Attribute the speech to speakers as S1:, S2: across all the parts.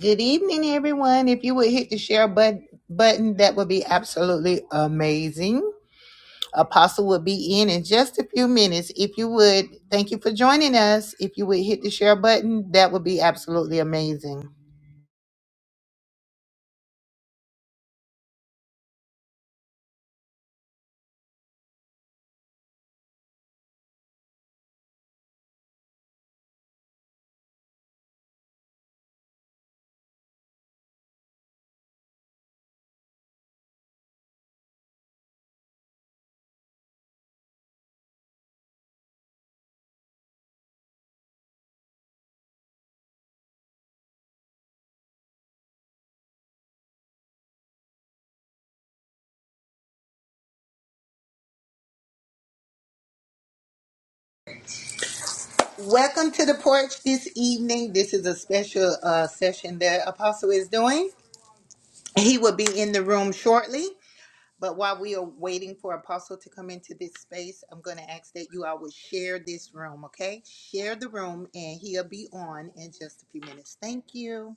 S1: Good evening, everyone. If you would hit the share but- button, that would be absolutely amazing. Apostle will be in in just a few minutes. If you would, thank you for joining us. If you would hit the share button, that would be absolutely amazing. Welcome to the porch this evening. This is a special uh, session that Apostle is doing. He will be in the room shortly. But while we are waiting for Apostle to come into this space, I'm going to ask that you all would share this room, okay? Share the room, and he'll be on in just a few minutes. Thank you.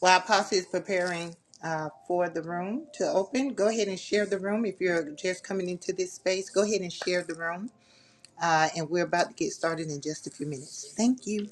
S1: While Apostle is preparing uh, for the room to open, go ahead and share the room. If you're just coming into this space, go ahead and share the room. Uh, and we're about to get started in just a few minutes. Thank you.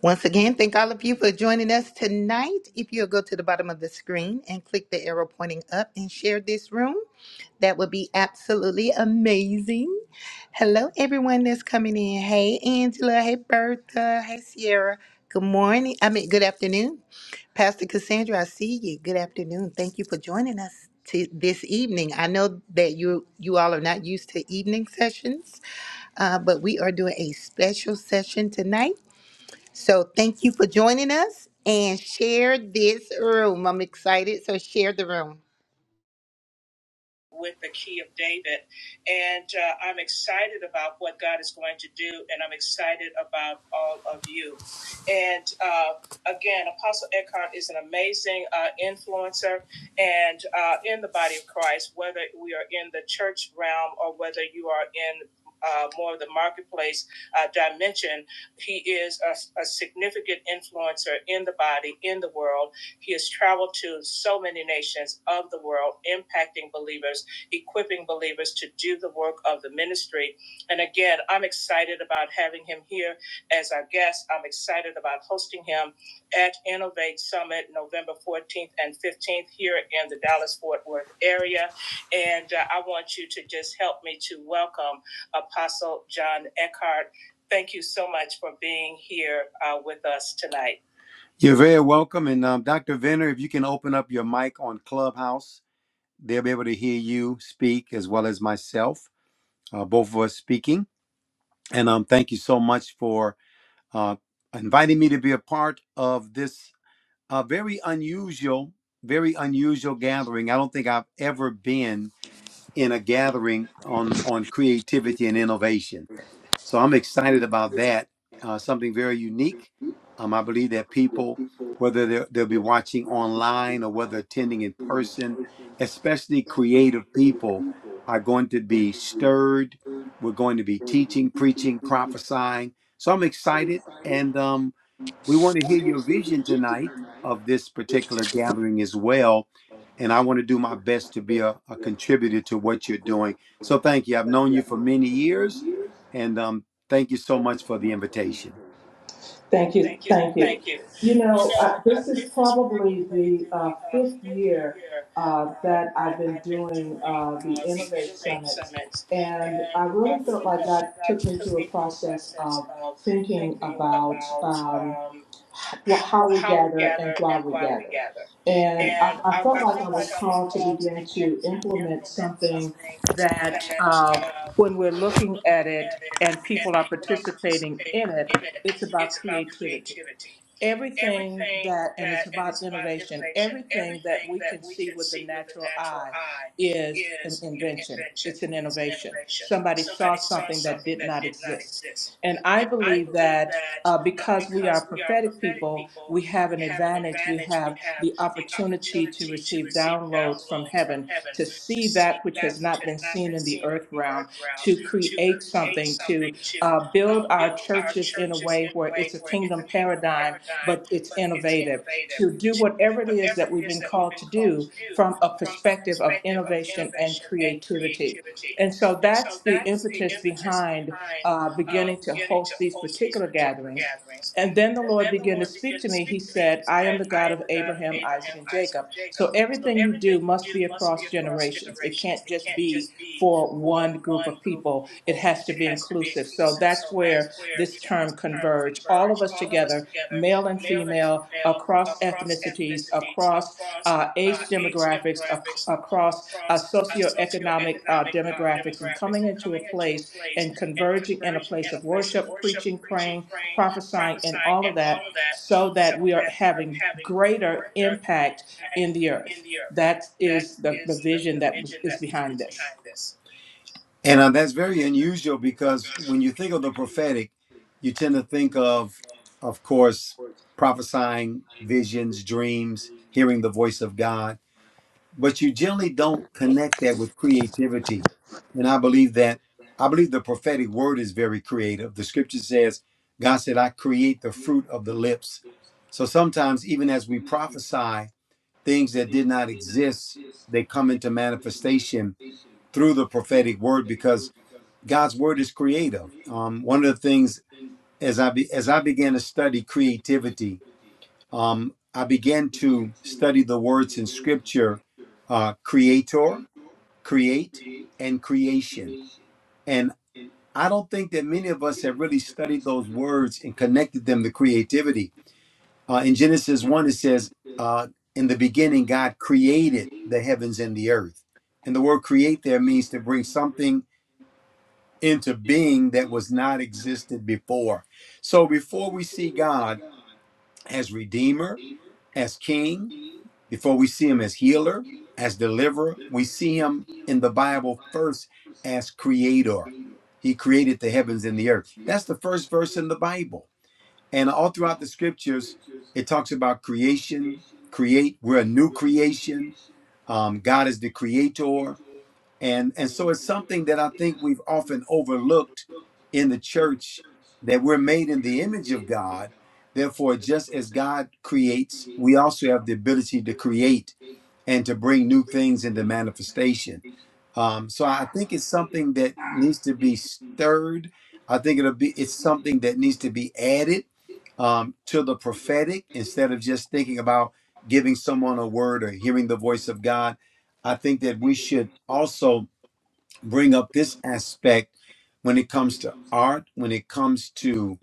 S1: Once again, thank all of you for joining us tonight. If you'll go to the bottom of the screen and click the arrow pointing up and share this room, that would be absolutely amazing. Hello, everyone that's coming in. Hey, Angela. Hey, Bertha. Hey, Sierra. Good morning. I mean, good afternoon. Pastor Cassandra, I see you. Good afternoon. Thank you for joining us to this evening. I know that you you all are not used to evening sessions, uh, but we are doing a special session tonight so thank you for joining us and share this room. I'm excited. So share the room.
S2: You're very welcome. And um, Dr. Venner, if you can open up your mic on Clubhouse, they'll be able to hear you speak as well as myself, uh, both of us speaking. And um, thank you so much for uh, inviting me to be a part of this uh, very unusual, very unusual gathering. I don't think I've ever been in a gathering on on creativity and innovation. So I'm excited about that. Uh, something very unique. Um, I believe that people, whether they're- they'll be watching online or whether attending in person, especially creative people, are going to be stirred. We're going to be teaching, preaching, prophesying. So I'm excited. And um, we want to hear your vision tonight of this particular gathering as well. And I want to do my best to be a, a contributor to what you're doing. So thank you. I've known you for many years and um, thank you so much for the invitation.
S3: Thank you, thank you. You know, uh, this is probably the uh, fifth year uh, that I've been doing uh, the Innovate Summits. And I really felt like God took me through a process of thinking about. Um, well, how we gather and why we gather. And I, I felt like I was called to begin to implement something that uh, when we're looking at it and people are participating in it, it's about creativity everything that, and it's about innovation, everything that we can see with the natural eye is an invention, it's an innovation. Somebody saw something that did not exist. And I believe that uh, because we are prophetic people, we have an advantage. We have the opportunity to receive downloads from heaven, to see that which has not been seen in the earth realm, to create something, to uh, build our churches in a way where it's a kingdom paradigm but it's innovative to do whatever it is that we've been called to do from a perspective of innovation and creativity. And so that's the impetus behind uh, beginning to host these particular gatherings. And then the Lord began to speak to me. He said, I am the God of Abraham, Isaac, and Jacob. So everything you do must be across generations. It can't just be for one group of people, it has to be inclusive. So that's where this term converge, all of us together together, male and female, across ethnicities, across uh, age demographics, ac- across uh, socioeconomic uh, demographics, and coming into a place and converging in a place of worship, preaching, praying, prophesying, and all of that, so that we are having greater impact in the earth. That is the, the vision that was, is behind this.
S2: And uh, that's very unusual because when you think of the prophetic, you tend to think of, of course, prophesying, visions, dreams, hearing the voice of God, but you generally don't connect that with creativity. And I believe that, I believe the prophetic word is very creative. The scripture says, God said, I create the fruit of the lips. So sometimes, even as we prophesy, things that did not exist they come into manifestation through the prophetic word because god's word is creative um, one of the things as i be, as i began to study creativity um, i began to study the words in scripture uh, creator create and creation and i don't think that many of us have really studied those words and connected them to creativity Uh, in Genesis 1, it says, uh, In the beginning, God created the heavens and the earth. And the word create there means to bring something into being that was not existed before. So before we see God as Redeemer, as King, before we see Him as Healer, as Deliverer, we see Him in the Bible first as Creator. He created the heavens and the earth. That's the first verse in the Bible and all throughout the scriptures, it talks about creation, create, we're a new creation. Um, God is the creator. And, and so it's something that I think we've often overlooked in the church that we're made in the image of God. Therefore, just as God creates, we also have the ability to create and to bring new things into manifestation. Um, so I think it's something that needs to be stirred. I think it'll be it's something that needs to be added um, to the prophetic instead of just thinking about giving someone a word or hearing the voice of God. I think that we should also bring up this aspect when it comes to art, when it comes to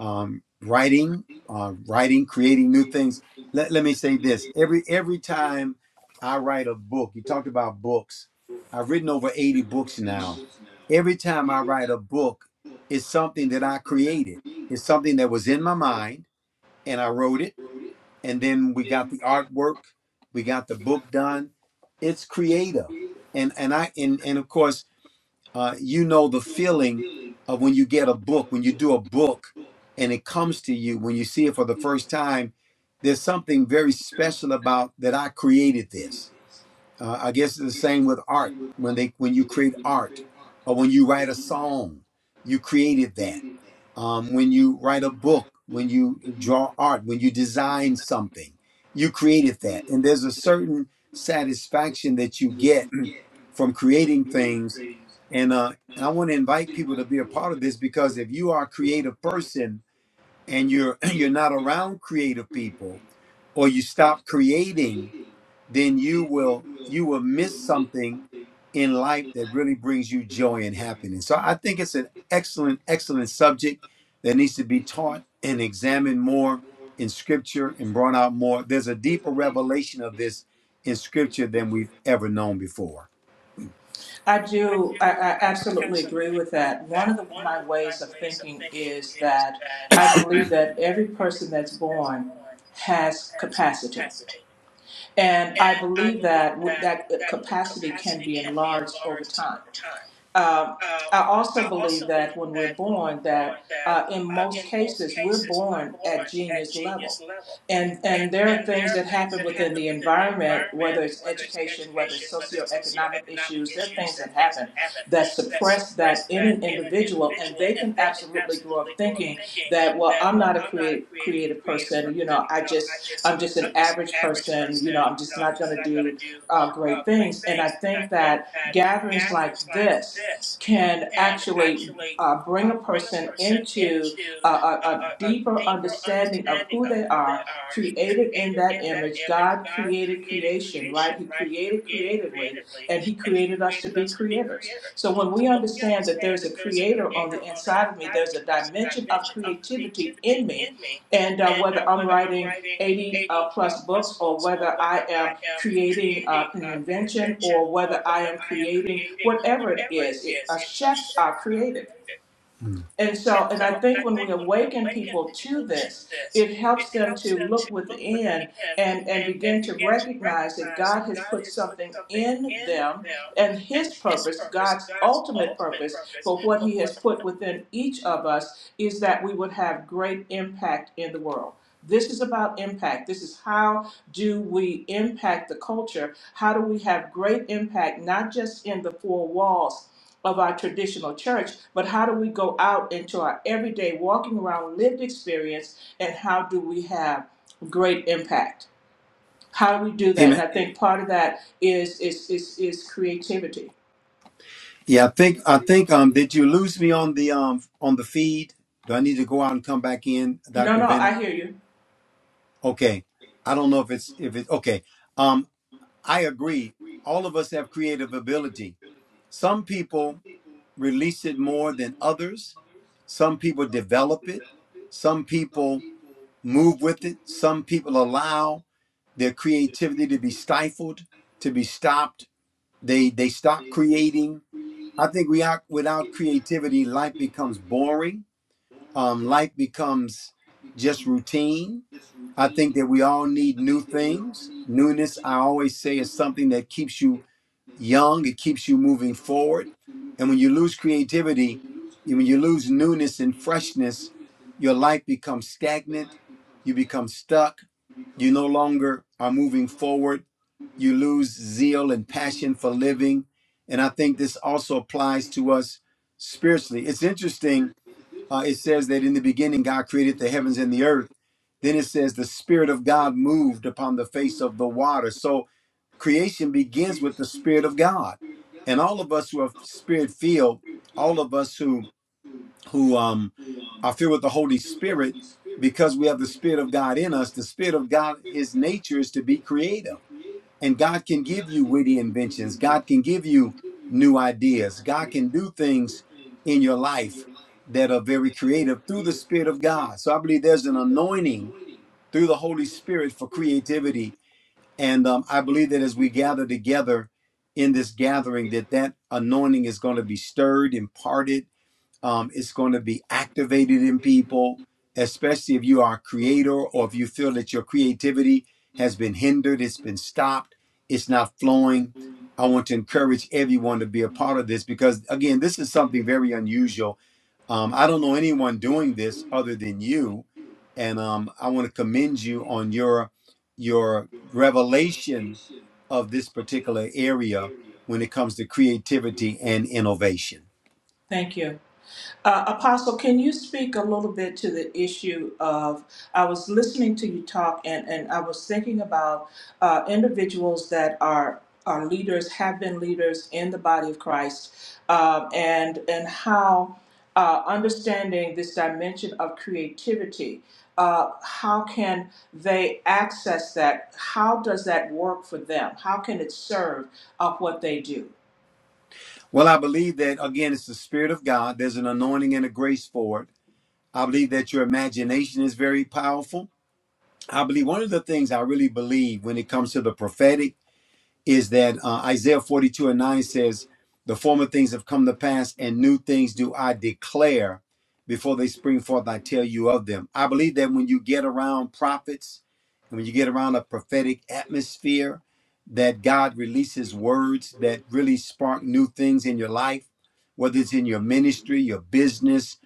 S2: um, writing, uh, writing, creating new things. Let, let me say this: every every time I write a book, you talked about books. I've written over eighty books now. Every time I write a book, it's something that I created. It's something that was in my mind, and I wrote it. And then we got the artwork, we got the book done. It's creative, and and I and and of course uh, you know the feeling of when you get a book, when you do a book and it comes to you, when you see it for the first time, there's something very special about that I created this. Uh, I guess it's the same with art. When they when you create art or when you write a song, you created that um, when you write a book, when you draw art, when you design something, you created that. And there's a certain satisfaction that you get from creating things. And, uh, and I want to invite people to be a part of this because if you are a creative person and you're you're not around creative people, or you stop creating, then you will you will miss something in life that really brings you joy and happiness. So I think it's an excellent excellent subject that needs to be taught and examined more in scripture and brought out more. There's a deeper revelation of this in scripture than we've ever known before.
S3: I do. I, I absolutely agree with that. One of the, my ways of thinking is that I believe that every person that's born has capacity, and I believe that w- that uh, capacity can be enlarged over time. Um, I also believe that when we're born, that uh, in most cases we're born at genius level, and and there are things that happen within the environment, whether it's education, whether it's socioeconomic issues, there are things that happen that suppress that in an individual, and they can absolutely grow up thinking that, well, I'm not a creative creative person, you know, I just I'm just an average person, you know, I'm just not going to do uh, great things, and I think that gatherings like this can actually uh, bring a person into a, a, a deeper understanding of who they are, created in that image. God created creation, right? He created creatively, and He created us to be creators. So when we understand that there's a creator on the inside of me, there's a dimension of creativity in me. And uh, whether I'm writing 80 uh, plus books or whether I am creating uh, an invention or whether I am creating whatever it is. It, uh, chefs are creative.
S2: Mm.
S3: And so, and I think when we awaken people to this, it helps them to look within and, and begin to recognize that God has put something in them and His purpose, God's ultimate purpose for what He has put within each of us, is that we would have great impact in the world. This is about impact. This is how do we impact the culture? How do we have great impact, not just in the four walls, of our traditional church, but how do we go out into our everyday walking around lived experience and how do we have great impact? How do we do that? And
S2: Amen.
S3: I think part of that is is is, is creativity.
S2: Yeah, I think I think um did you lose me on the um on the feed? Do I need to go out and come back in,
S3: No,
S2: Dr.
S3: no,
S2: Venner?
S3: I hear you.
S2: Okay. I don't know if it's if it's okay. Um, I agree. All of us have creative ability. Some people release it more than others. Some people develop it. Some people move with it. Some people allow their creativity to be stifled, to be stopped. They they stop creating. I think we are, without creativity, life becomes boring. Um, life becomes just routine. I think that we all need new things. Newness, I always say, is something that keeps you young, it keeps you moving forward. And when you lose creativity, when you lose newness and freshness, your life becomes stagnant, you become stuck, you no longer are moving forward, you lose zeal and passion for living. And I think this also applies to us spiritually. It's interesting uh, it says that in the beginning God created the heavens and the earth. Then it says the Spirit of God moved upon the face of the water. So creation begins with the Spirit of God, and all of us who are Spirit filled, all of us who who um, are filled with the Holy Spirit, because we have the Spirit of God in us. The Spirit of God, His nature is to be creative. And God can give you witty inventions. God can give you new ideas. God can do things in your life that are very creative through the Spirit of God. So I believe there's an anointing through the Holy Spirit for creativity. And um, I believe that as we gather together in this gathering, that that anointing is going to be stirred, imparted, um, it's going to be activated in people, especially if you are a creator or if you feel that your creativity has been hindered, it's been stopped, it's not flowing. I want to encourage everyone to be a part of this because, again, this is something very unusual. Um, I don't know anyone doing this other than you, and um, I want to commend you on your your revelation of this particular area when it comes to creativity and innovation.
S3: Thank you. Uh, Apostle, can you speak a little bit to the issue of? I was listening to you talk, and, and I was thinking about uh, individuals that are are leaders, have been leaders in the body of Christ, uh, and and how uh, understanding this dimension of creativity, uh, how can they access that? How does that work for them? How can it serve of what they do?
S2: Well, I believe that again, it's the Spirit of God. There's an anointing and a grace for it. I believe that your imagination is very powerful. I believe one of the things I really believe when it comes to the prophetic is that uh, Isaiah 42 and 9 says, The former things have come to pass, and new things do I declare. Before they spring forth, I tell you of them. I believe that when you get around prophets and when you get around a prophetic atmosphere, that God releases words that really spark new things in your life, whether it's in your ministry, your business,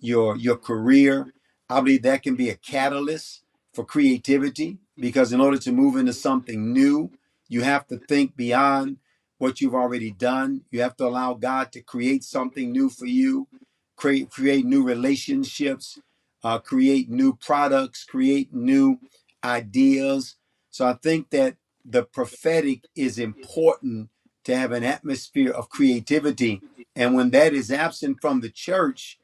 S2: your your career. I believe that can be a catalyst for creativity because in order to move into something new, you have to think beyond what you've already done. You have to allow God to create something new for you, create create new relationships, uh, create new products, create new ideas. So I think that the prophetic is important to have an atmosphere of creativity, and when that is absent from the church,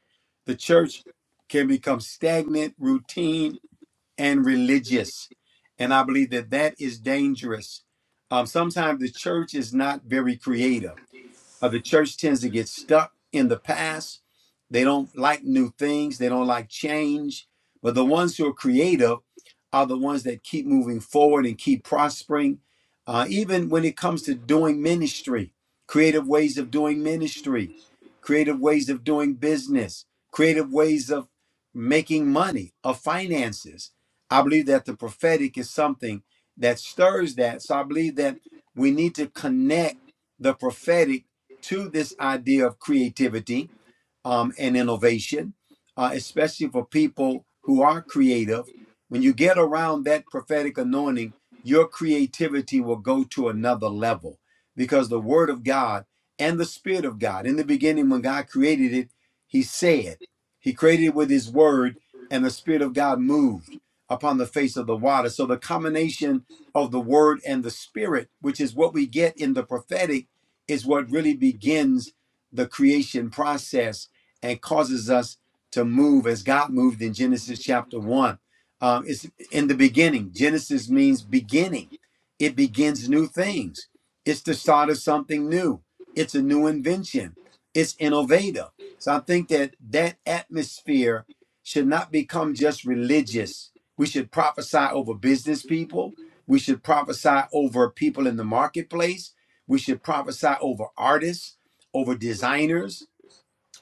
S2: the church can become stagnant, routine, and religious. And I believe that that is dangerous. Um, sometimes the church is not very creative uh, the church tends to get stuck in the past. They don't like new things, they don't like change. But the ones who are creative are the ones that keep moving forward and keep prospering, uh, even when it comes to doing ministry, creative ways of doing ministry, creative ways of doing business, creative ways of making money, of finances. I believe that the prophetic is something that stirs that. So I believe that we need to connect the prophetic to this idea of creativity um, and innovation, uh, especially for people who are creative. When you get around that prophetic anointing, your creativity will go to another level because the Word of God and the Spirit of God, in the beginning, when God created it, He said, He created it with His Word, and the Spirit of God moved upon the face of the water. So the combination of the Word and the Spirit, which is what we get in the prophetic, is what really begins the creation process and causes us to move as God moved in Genesis chapter 1. Um, it's in the beginning. Genesis means beginning, it begins new things. It's the start of something new, it's a new invention, it's innovative. So I think that that atmosphere should not become just religious. We should prophesy over business people. We should prophesy over people in the marketplace. We should prophesy over artists, over designers,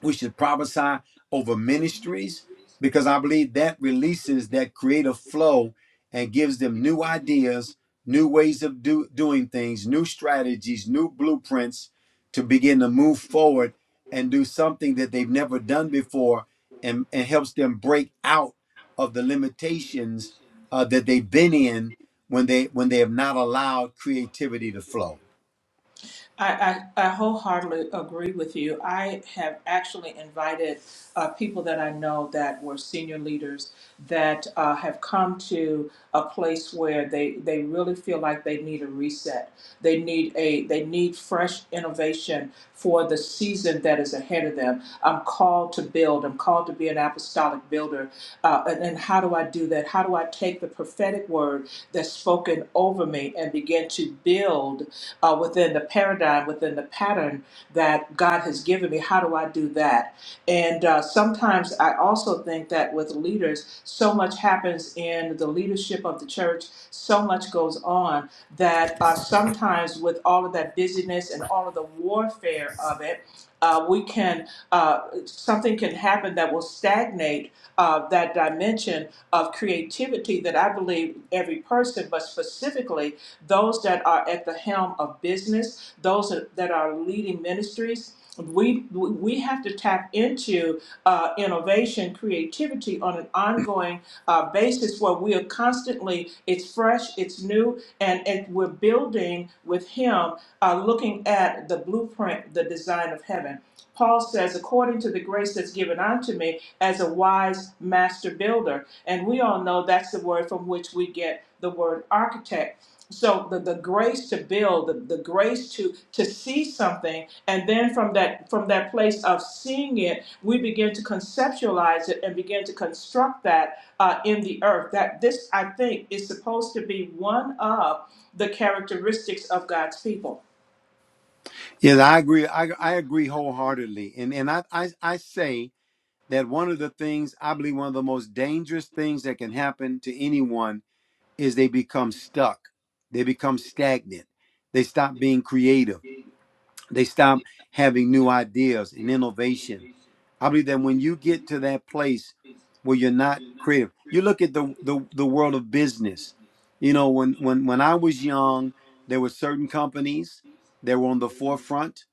S2: we should prophesy over ministries because I believe that releases that creative flow and gives them new ideas, new ways of do, doing things, new strategies, new blueprints to begin to move forward and do something that they've never done before and, and helps them break out of the limitations uh, that they've been in when they when they have not allowed creativity to flow.
S3: I, I, I wholeheartedly agree with you. I have actually invited uh, people that I know that were senior leaders that uh, have come to a place where they, they really feel like they need a reset. They need a they need fresh innovation for the season that is ahead of them. I'm called to build. I'm called to be an apostolic builder. Uh, and, and how do I do that? How do I take the prophetic word that's spoken over me and begin to build? uh, within the paradigm, within the pattern that God has given me. How do I do that? And uh, sometimes I also think that with leaders, so much happens in the leadership of the church, so much goes on that uh, sometimes with all of that busyness and all of the warfare of it, uh, we can uh, something can happen that will stagnate uh, that dimension of creativity that I believe every person, but specifically those that are at the helm of business, those that are leading ministries. We we we have to tap into uh, innovation, creativity on an ongoing uh, basis where we are constantly. It's fresh, it's new, and, and we're building with Him, uh, looking at the blueprint, the design of heaven. Paul says, according to the grace that's given unto me as a wise master builder. And we all know that's the word from which we get the word architect. So the, the grace to build, the, the grace to to see something, and then from that from that place of seeing it, we begin to conceptualize it and begin to construct that uh, in the earth. That this I think is supposed to be one of the characteristics of God's people
S2: Yes, I agree. I, I agree wholeheartedly. And and I I, I say that one of the things I believe one of the most dangerous things that can happen to anyone is they become stuck. They become stagnant. They stop being creative they stop having new ideas and innovation. I believe that when you get to that place where you're not creative, you look at the the, the world of business. You know, when when when I was young, there were certain companies that were on the forefront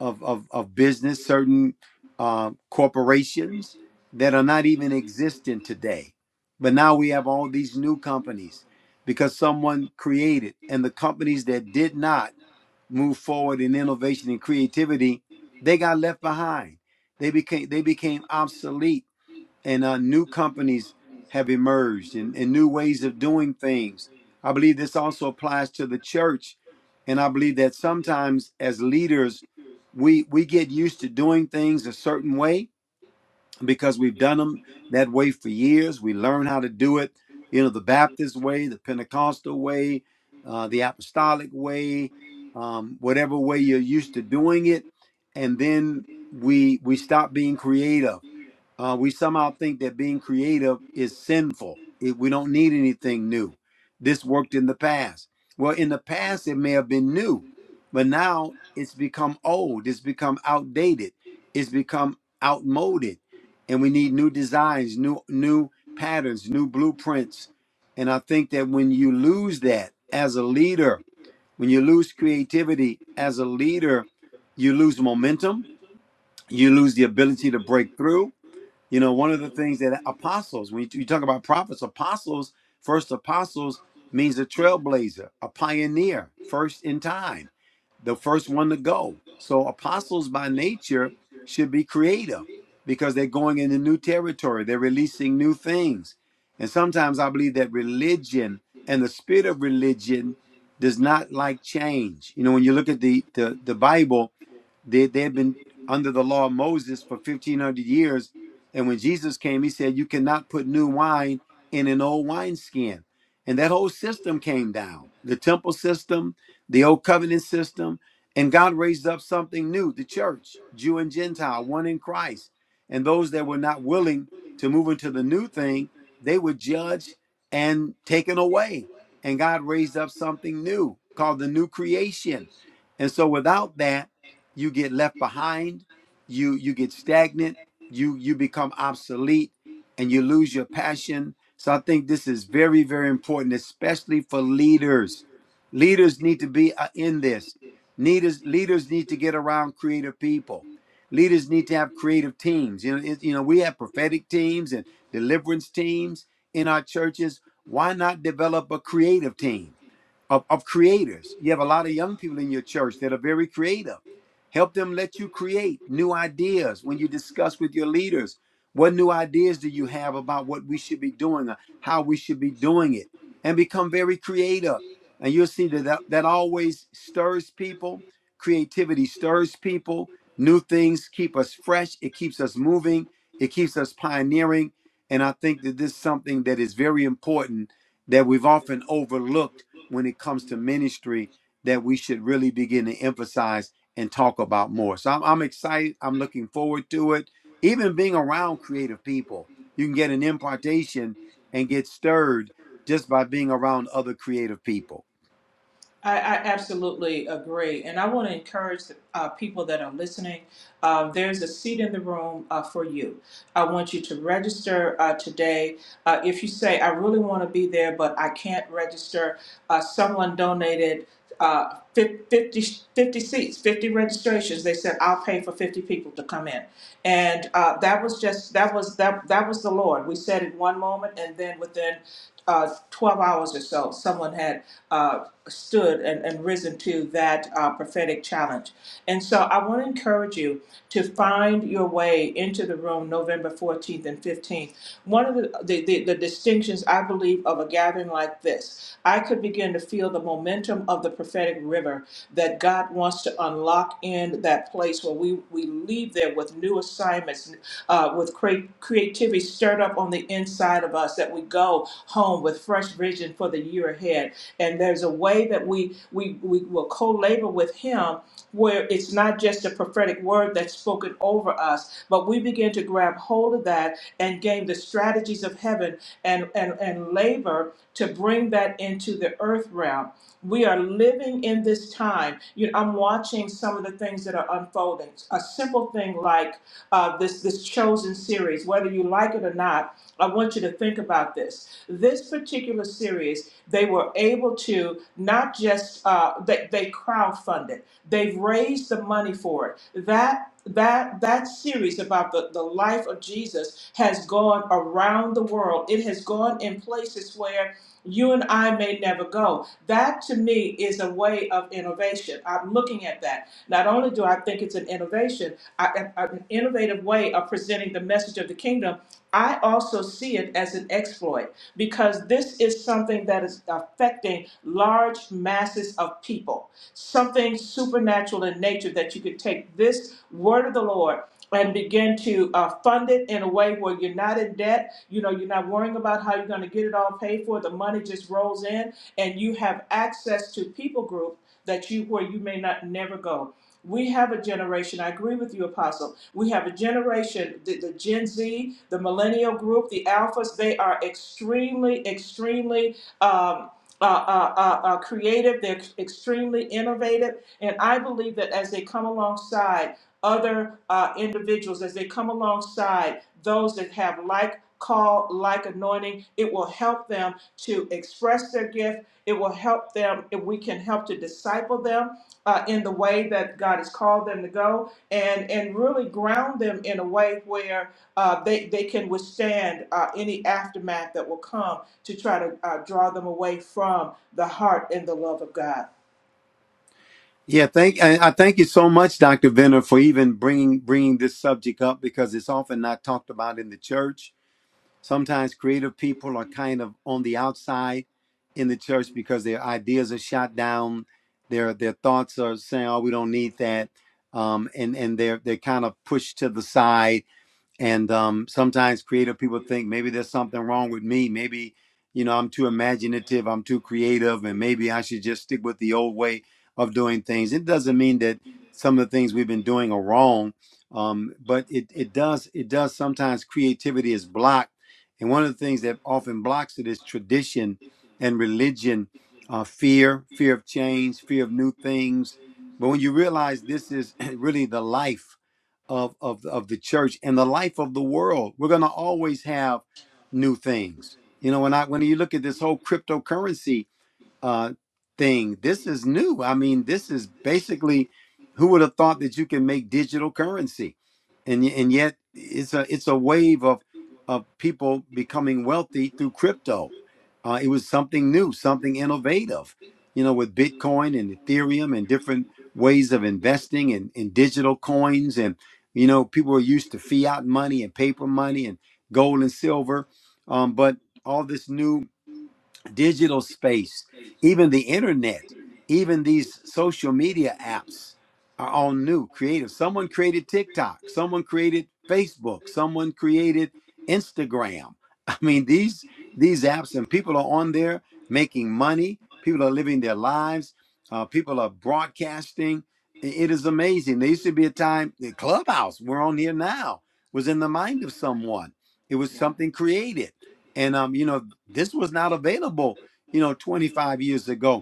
S2: of of, of business, certain uh, corporations that are not even existent today. But now we have all these new companies because someone created, and the companies that did not move forward in innovation and creativity, they got left behind. They became they became obsolete, and uh, new companies have emerged and, and new ways of doing things. I believe this also applies to the church, and I believe that sometimes as leaders, we we get used to doing things a certain way, because we've done them that way for years. We learn how to do it, you know, the Baptist way, the Pentecostal way, uh, the Apostolic way, um, whatever way you're used to doing it, and then we we stop being creative. Uh, we somehow think that being creative is sinful. It, we don't need anything new. This worked in the past. Well, in the past it may have been new, but now it's become old. It's become outdated. It's become outmoded and we need new designs, new new patterns, new blueprints. And I think that when you lose that as a leader, when you lose creativity as a leader, you lose momentum, you lose the ability to break through, you know, one of the things that apostles, when you you talk about prophets, apostles, first apostles means a trailblazer, a pioneer, first in time, the first one to go. So apostles by nature should be creative because they're going into new territory, they're releasing new things. And sometimes I believe that religion and the spirit of religion does not like change. You know, when you look at the the, the Bible, they, they've been under the law of Moses for 1500 years and when Jesus came, he said, You cannot put new wine in an old wineskin. And that whole system came down the temple system, the old covenant system. And God raised up something new the church, Jew and Gentile, one in Christ. And those that were not willing to move into the new thing, they were judged and taken away. And God raised up something new called the new creation. And so without that, you get left behind, you, you get stagnant you you become obsolete and you lose your passion so i think this is very very important especially for leaders leaders need to be uh, in this leaders leaders need to get around creative people leaders need to have creative teams you know it, you know we have prophetic teams and deliverance teams in our churches why not develop a creative team of, of creators. You have a lot of young people in your church that are very creative. Help them let you create new ideas when you discuss with your leaders. What new ideas do you have about what we should be doing or how we should be doing it? And become very creative. And you'll see that that, that always stirs people. Creativity stirs people. New things keep us fresh. It keeps us moving. It keeps us pioneering. And I think that this is something that is very important that we've often overlooked when it comes to ministry that we should really begin to emphasize and talk about more. So I'm, I'm excited. I'm looking forward to it. Even being around creative people, you can get an impartation and get stirred just by being around other creative people.
S3: I, I absolutely agree, and I want to encourage uh, people that are listening. Um, there's a seat in the room uh, for you. I want you to register uh, today. Uh, if you say, "I really want to be there, but I can't register," uh, someone donated uh, fif- 50, seats, 50 registrations. They said, "I'll pay for 50 people to come in," and uh, that was just that was that that was the Lord. We said it one moment, and then within uh, 12 hours or so, someone had uh, stood and, and risen to that uh, prophetic challenge. And so I want to encourage you to find your way into the room November 14th and 15th. One of the, the, the, the distinctions I believe of a gathering like this, I could begin to feel the momentum of the prophetic river that God wants to unlock in that place where we, we leave there with new assignments, uh, with cre- creativity stirred up on the inside of us, that we go home with fresh vision for the year ahead and there's a way that we we we will co-labor with him where it's not just a prophetic word that's spoken over us but we begin to grab hold of that and gain the strategies of heaven and and, and labor to bring that into the earth realm we are living in this time you know, i'm watching some of the things that are unfolding a simple thing like uh, this this chosen series whether you like it or not i want you to think about this this particular series they were able to not just uh, they they crowdfunded. They've raised the money for it. That that that series about the, the life of Jesus has gone around the world. It has gone in places where you and I may never go. That to me is a way of innovation. I'm looking at that. Not only do I think it's an innovation, I, I- an innovative way of presenting the message of the kingdom, I also see it as an exploit because this is something that is affecting large masses of people. Something supernatural in nature that you could take this word of the Lord and begin to uh, fund it in a way where you're not in debt. You know, you're not worrying about how you're going to get it all paid for. The money just rolls in, and you have access to people group that you where you may not never go. We have a generation, I agree with you, Apostle. We have a generation, the, the Gen Z, the millennial group, the alphas, they are extremely, extremely um, uh, uh, uh, uh, creative, they're extremely innovative. And I believe that as they come alongside other uh, individuals, as they come alongside those that have like call, like anointing, it will help them to express their gift. It will help them, if we can help to disciple them uh, in the way that God has called them to go, and and really ground them in a way where uh, they they can withstand uh, any aftermath that will come to try to uh, draw them away from the heart and the love of God.
S2: Yeah, thank and I thank you so much, Dr. Venner, for even bringing bringing this subject up because it's often not talked about in the church Sometimes creative people are kind of on the outside in the church because their ideas are shot down. Their their thoughts are saying, "Oh, we don't need that," um, and and they're they're kind of pushed to the side and um, sometimes creative people think maybe there's something wrong with me maybe you know i'm too imaginative i'm too creative and maybe i should just stick with the old way of doing things it doesn't mean that some of the things we've been doing are wrong um, but it, it does it does sometimes creativity is blocked and one of the things that often blocks it is tradition and religion uh, fear fear of change fear of new things but when you realize this is really the life of, of, of the church and the life of the world. We're going to always have new things. You know, when I when you look at this whole cryptocurrency, uh, thing. This is new. I mean, this is basically who would have thought that you can make digital currency, and y- and yet it's a it's a wave of of people becoming wealthy through crypto. Uh, it was something new, something innovative, you know, with Bitcoin and Ethereum and different ways of investing and in, digital coins and you know people are used to fiat money and paper money and gold and silver um, but all this new digital space, even the internet, even these social media apps are all new, creative. Someone created TikTok, someone created Facebook, someone created Instagram. I mean, these these apps and people are on there making money. People are living their lives. Uh, people are broadcasting. I- It is amazing. There used to be a time the clubhouse we're on here now was in the mind of someone. It was something created and um, you know, this was not available, you know, 25 years ago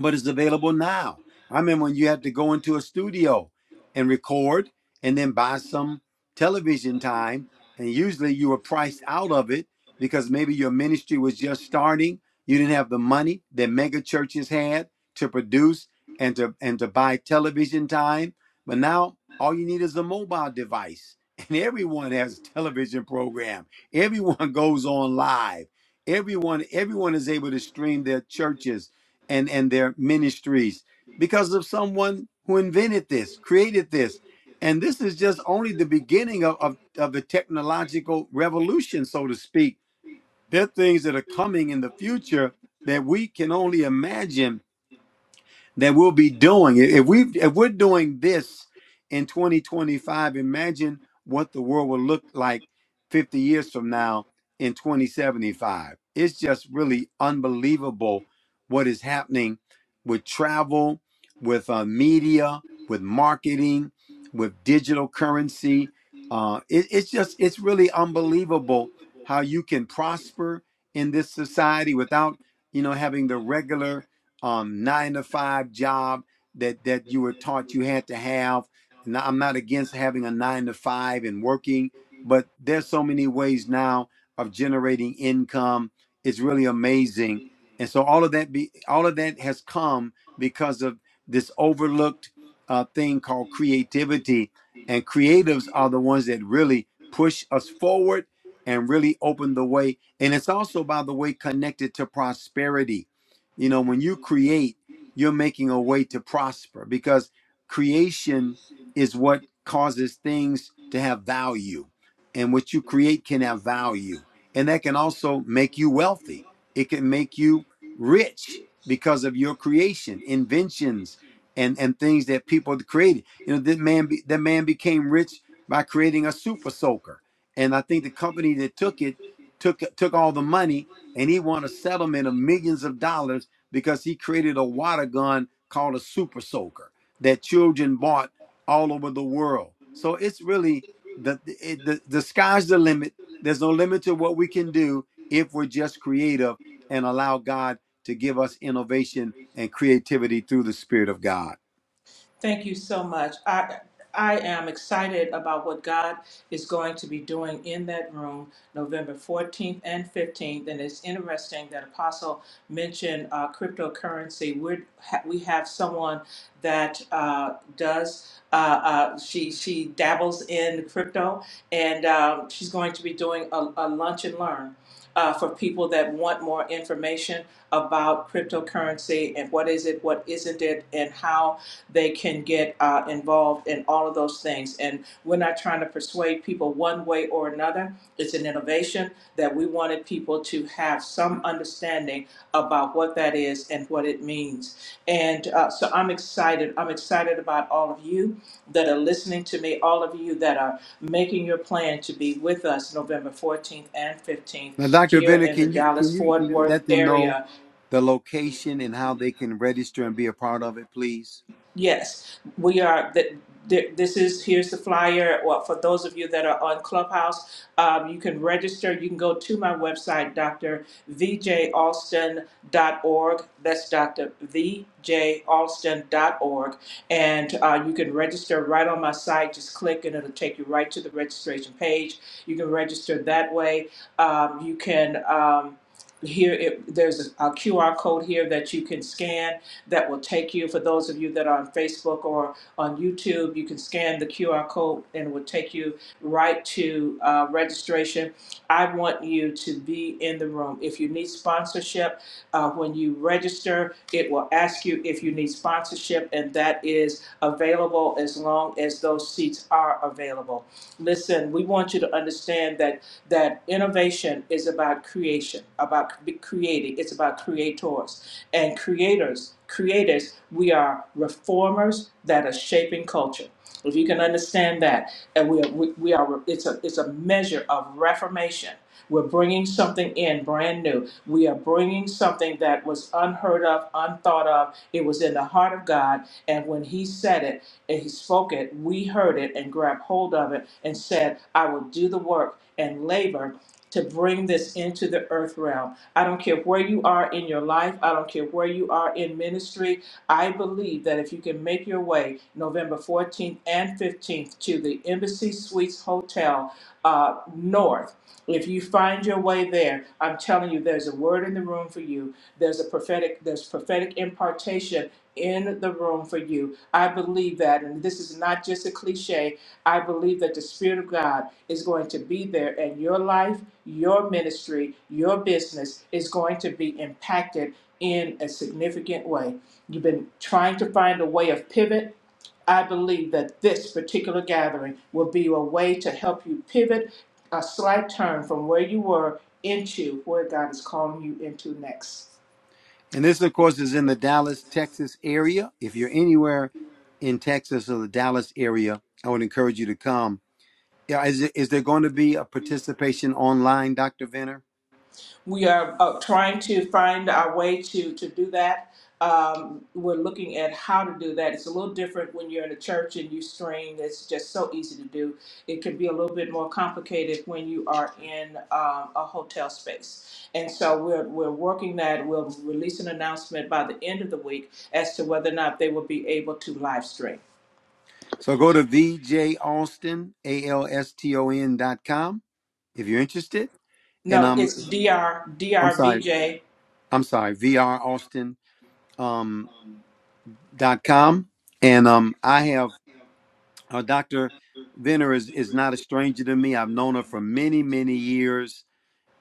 S2: but it's available now. I remember when you had to go into a studio and record and then buy some television time, and usually you were priced out of it because maybe your ministry was just starting. You didn't have the money that mega churches had to produce and to and to buy television time. But now all you need is a mobile device. And everyone has a television program. Everyone goes on live. Everyone, everyone is able to stream their churches and and their ministries because of someone who invented this created this and this is just only the beginning of, of, of the technological revolution so to speak there are things that are coming in the future that we can only imagine that we'll be doing. If we if we're doing this in 2025, imagine what the world will look like 50 years from now in 2075. It's just really unbelievable what is happening with travel, with uh, media, with marketing, with digital currency. Uh, it- it's just it's really unbelievable how you can prosper in this society without you know having the regular um, nine to five job that that you were taught you had to have. And I'm not against having a nine to five and working, but there's so many ways now of generating income. It's really amazing, and so all of that be all of that has come because of this overlooked uh, thing called creativity. And creatives are the ones that really push us forward and really open the way. And it's also, by the way, connected to prosperity you know, when you create, you're making a way to prosper because creation is what causes things to have value. And what you create can have value. And that can also make you wealthy. It can make you rich because of your creation, inventions, and, and things that people created. You know, that man be, that man became rich by creating a super soaker. And I think the company that took it took took all the money and he won a settlement of millions of dollars because he created a water gun called a super soaker that children bought all over the world. So it's really the it, the, the sky's the limit. There's no limit to what we can do if we're just creative and allow God to give us innovation and creativity through the Spirit of God.
S3: Thank you so much. I I am excited about what God is going to be doing in that room November 14th and 15th. And it's interesting that Apostle mentioned uh, cryptocurrency. We're, ha- we have someone that uh, does, uh, uh, she, she dabbles in crypto, and um, she's going to be doing a, a lunch and learn. Uh, for people that want more information about cryptocurrency and what is it, what isn't it, and how they can get uh, involved in all of those things. And we're not trying to persuade people one way or another. It's an innovation that we wanted people to have some understanding about what that is and what it means. And uh, so I'm excited. I'm excited about all of you that are listening to me, all of you that are making your plan to be with us November 14th and 15th
S2: Now, Dr.
S3: here
S2: Venner,
S3: in the
S2: can you can
S3: Dallas
S2: you
S3: Fort Worth
S2: let them know
S3: area
S2: the location and how they can register and be a part of it, please?
S3: Yes, we are, th- th- this is, here's the flyer, well, for those of you that are on Clubhouse, um, you can register, you can go to my website, d r v j alston dot org. that's d r v j alston dot org, and, uh, you can register right on my site, just click and it'll take you right to the registration page, you can register that way, um, you can, um, here, it, there's a QR code here that you can scan, that will take you. For those of you that are on Facebook or on YouTube, you can scan the QR code and it will take you right to uh, registration. I want you to be in the room. If you need sponsorship, uh, when you register, it will ask you if you need sponsorship, and that is available as long as those seats are available. Listen, we want you to understand that that innovation is about creation, about c- creating. It's about creators and creators creators we are reformers that are shaping culture if you can understand that and we are, we, we are it's a it's a measure of reformation we're bringing something in brand new we are bringing something that was unheard of unthought of it was in the heart of god and when he said it and he spoke it we heard it and grabbed hold of it and said i will do the work and labor to bring this into the earth realm I don't care where you are in your life. I don't care where you are in ministry. I believe that if you can make your way November 14th and 15th to the Embassy Suites Hotel uh, North, if you find your way there, I'm telling you, there's a word in the room for you. There's a prophetic, there's prophetic impartation in the room for you. I believe that, and this is not just a cliche. I believe that the Spirit of God is going to be there and your life, your ministry, your business is going to be impacted in a significant way. You've been trying to find a way of pivot. I believe that this particular gathering will be a way to help you pivot a slight turn from where you were into where God is calling you into next.
S2: And this, of course, is in the Dallas, Texas area. If you're anywhere in Texas or the Dallas area, I would encourage you to come. Yeah, is, it- is there going to be a participation online, Dr. Venner?
S3: we are uh, trying to find our way to to do that. Um, we're looking at how to do that. It's a little different when you're in a church and you stream. It's just so easy to do. It can be a little bit more complicated when you are in um, a hotel space. And so we're we're working that. We'll release an announcement by the end of the week as to whether or not they will be able to live stream.
S2: So go to vjaustin, A-L-S-T-O-N dot com if you're interested. And
S3: No,
S2: um,
S3: it's Dr.
S2: I'm sorry,
S3: Drvj
S2: I'm sorry, vraustin um, dot com. And um, I have uh, Dr. Venner is, is not a stranger to me. I've known her for many, many years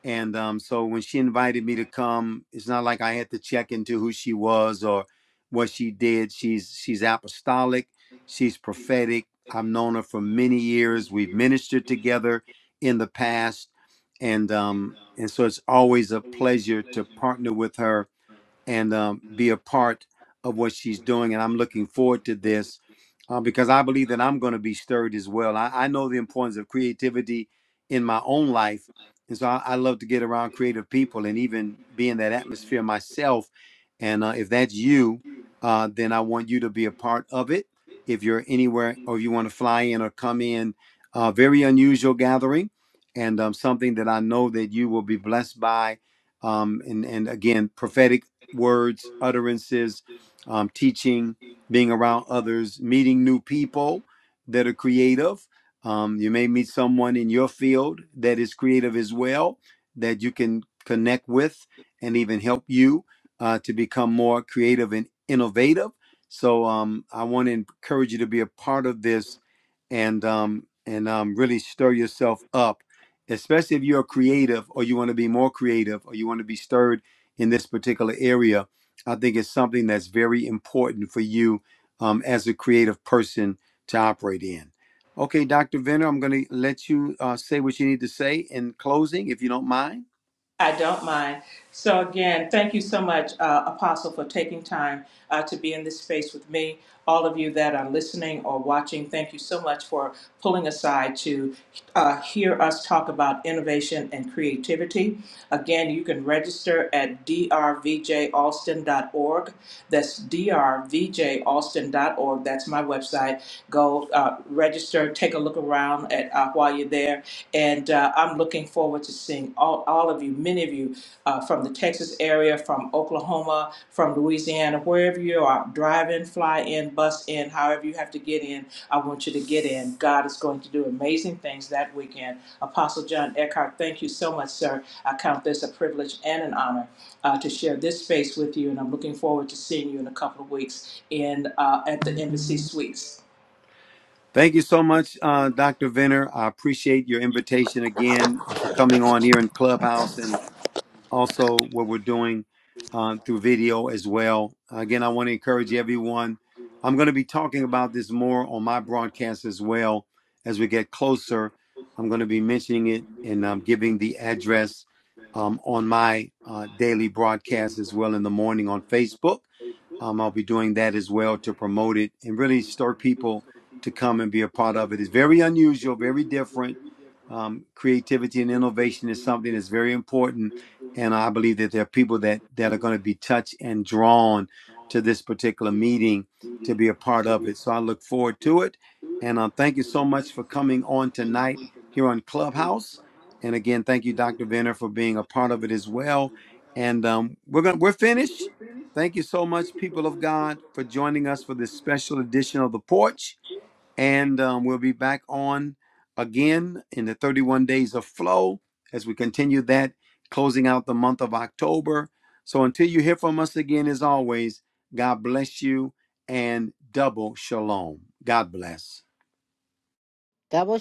S2: And um, so when she invited me to come, it's not like I had to check into who she was or what she did. She's she's apostolic, she's prophetic. I've known her for many years. We've ministered together in the past, and um, and so it's always a pleasure to partner with her and um, be a part of what she's doing. And I'm looking forward to this uh, because I believe that I'm going to be stirred as well. I, I know the importance of creativity in my own life. And so I, I love to get around creative people and even be in that atmosphere myself. And uh, if that's you, uh, then I want you to be a part of it. If you're anywhere or you want to fly in or come in, uh, very unusual gathering and um, something that I know that you will be blessed by um, and and again prophetic words, utterances, um, teaching, being around others, meeting new people that are creative. Um, you may meet someone in your field that is creative as well, that you can connect with and even help you uh, to become more creative and innovative. So um, I want to encourage you to be a part of this and um and um really stir yourself up especially if you're creative or you want to be more creative or you want to be stirred in this particular area i think it's something that's very important for you um, as a creative person to operate in okay dr venner i'm going to let you uh, say what you need to say in closing if you don't mind
S3: I don't mind. So again, thank you so much, uh, Apostle, for taking time uh, to be in this space with me. All of you that are listening or watching, thank you so much for pulling aside to uh, hear us talk about innovation and creativity. Again, you can register at drvjaustin.org. That's drvjaustin.org. That's my website. Go uh, register, take a look around at uh, while you're there and uh, I'm looking forward to seeing all, all of you, many of you uh, from the Texas area, from Oklahoma, from Louisiana, wherever you are, drive in, fly in, bus in, however you have to get in, I want you to get in. God is going to do amazing things that weekend. Apostle John Eckhart, thank you so much, sir. I count this a privilege and an honor uh, to share this space with you, and I'm looking forward to seeing you in a couple of weeks in uh, at the Embassy Suites.
S2: thank you so much uh, dr venner i appreciate your invitation again and for coming on here in clubhouse and. also what we're doing um, through video as well. Again, I want to encourage everyone. I'm going to be talking about this more on my broadcast as well as we get closer. I'm going to be mentioning it and I'm um, giving the address um, on my uh, daily broadcast as well in the morning on Facebook. Um, I'll be doing that as well to promote it and really stir people to come and be a part of it. It's very unusual, very different. Um, creativity and innovation is something that's very important and I believe that there are people that that are going to be touched and drawn to this particular meeting to be a part of it. So I look forward to it, and um, thank you so much for coming on tonight here on Clubhouse. And again, thank you, Dr. Venner, for being a part of it as well. And um, we're gonna we're finished. Thank you so much, people of God, for joining us for this special edition of the Porch. And um, we'll be back on again in the 31 days of flow as we continue that, closing out the month of October. So until you hear from us again, as always, God bless you and double shalom. God bless.
S4: That was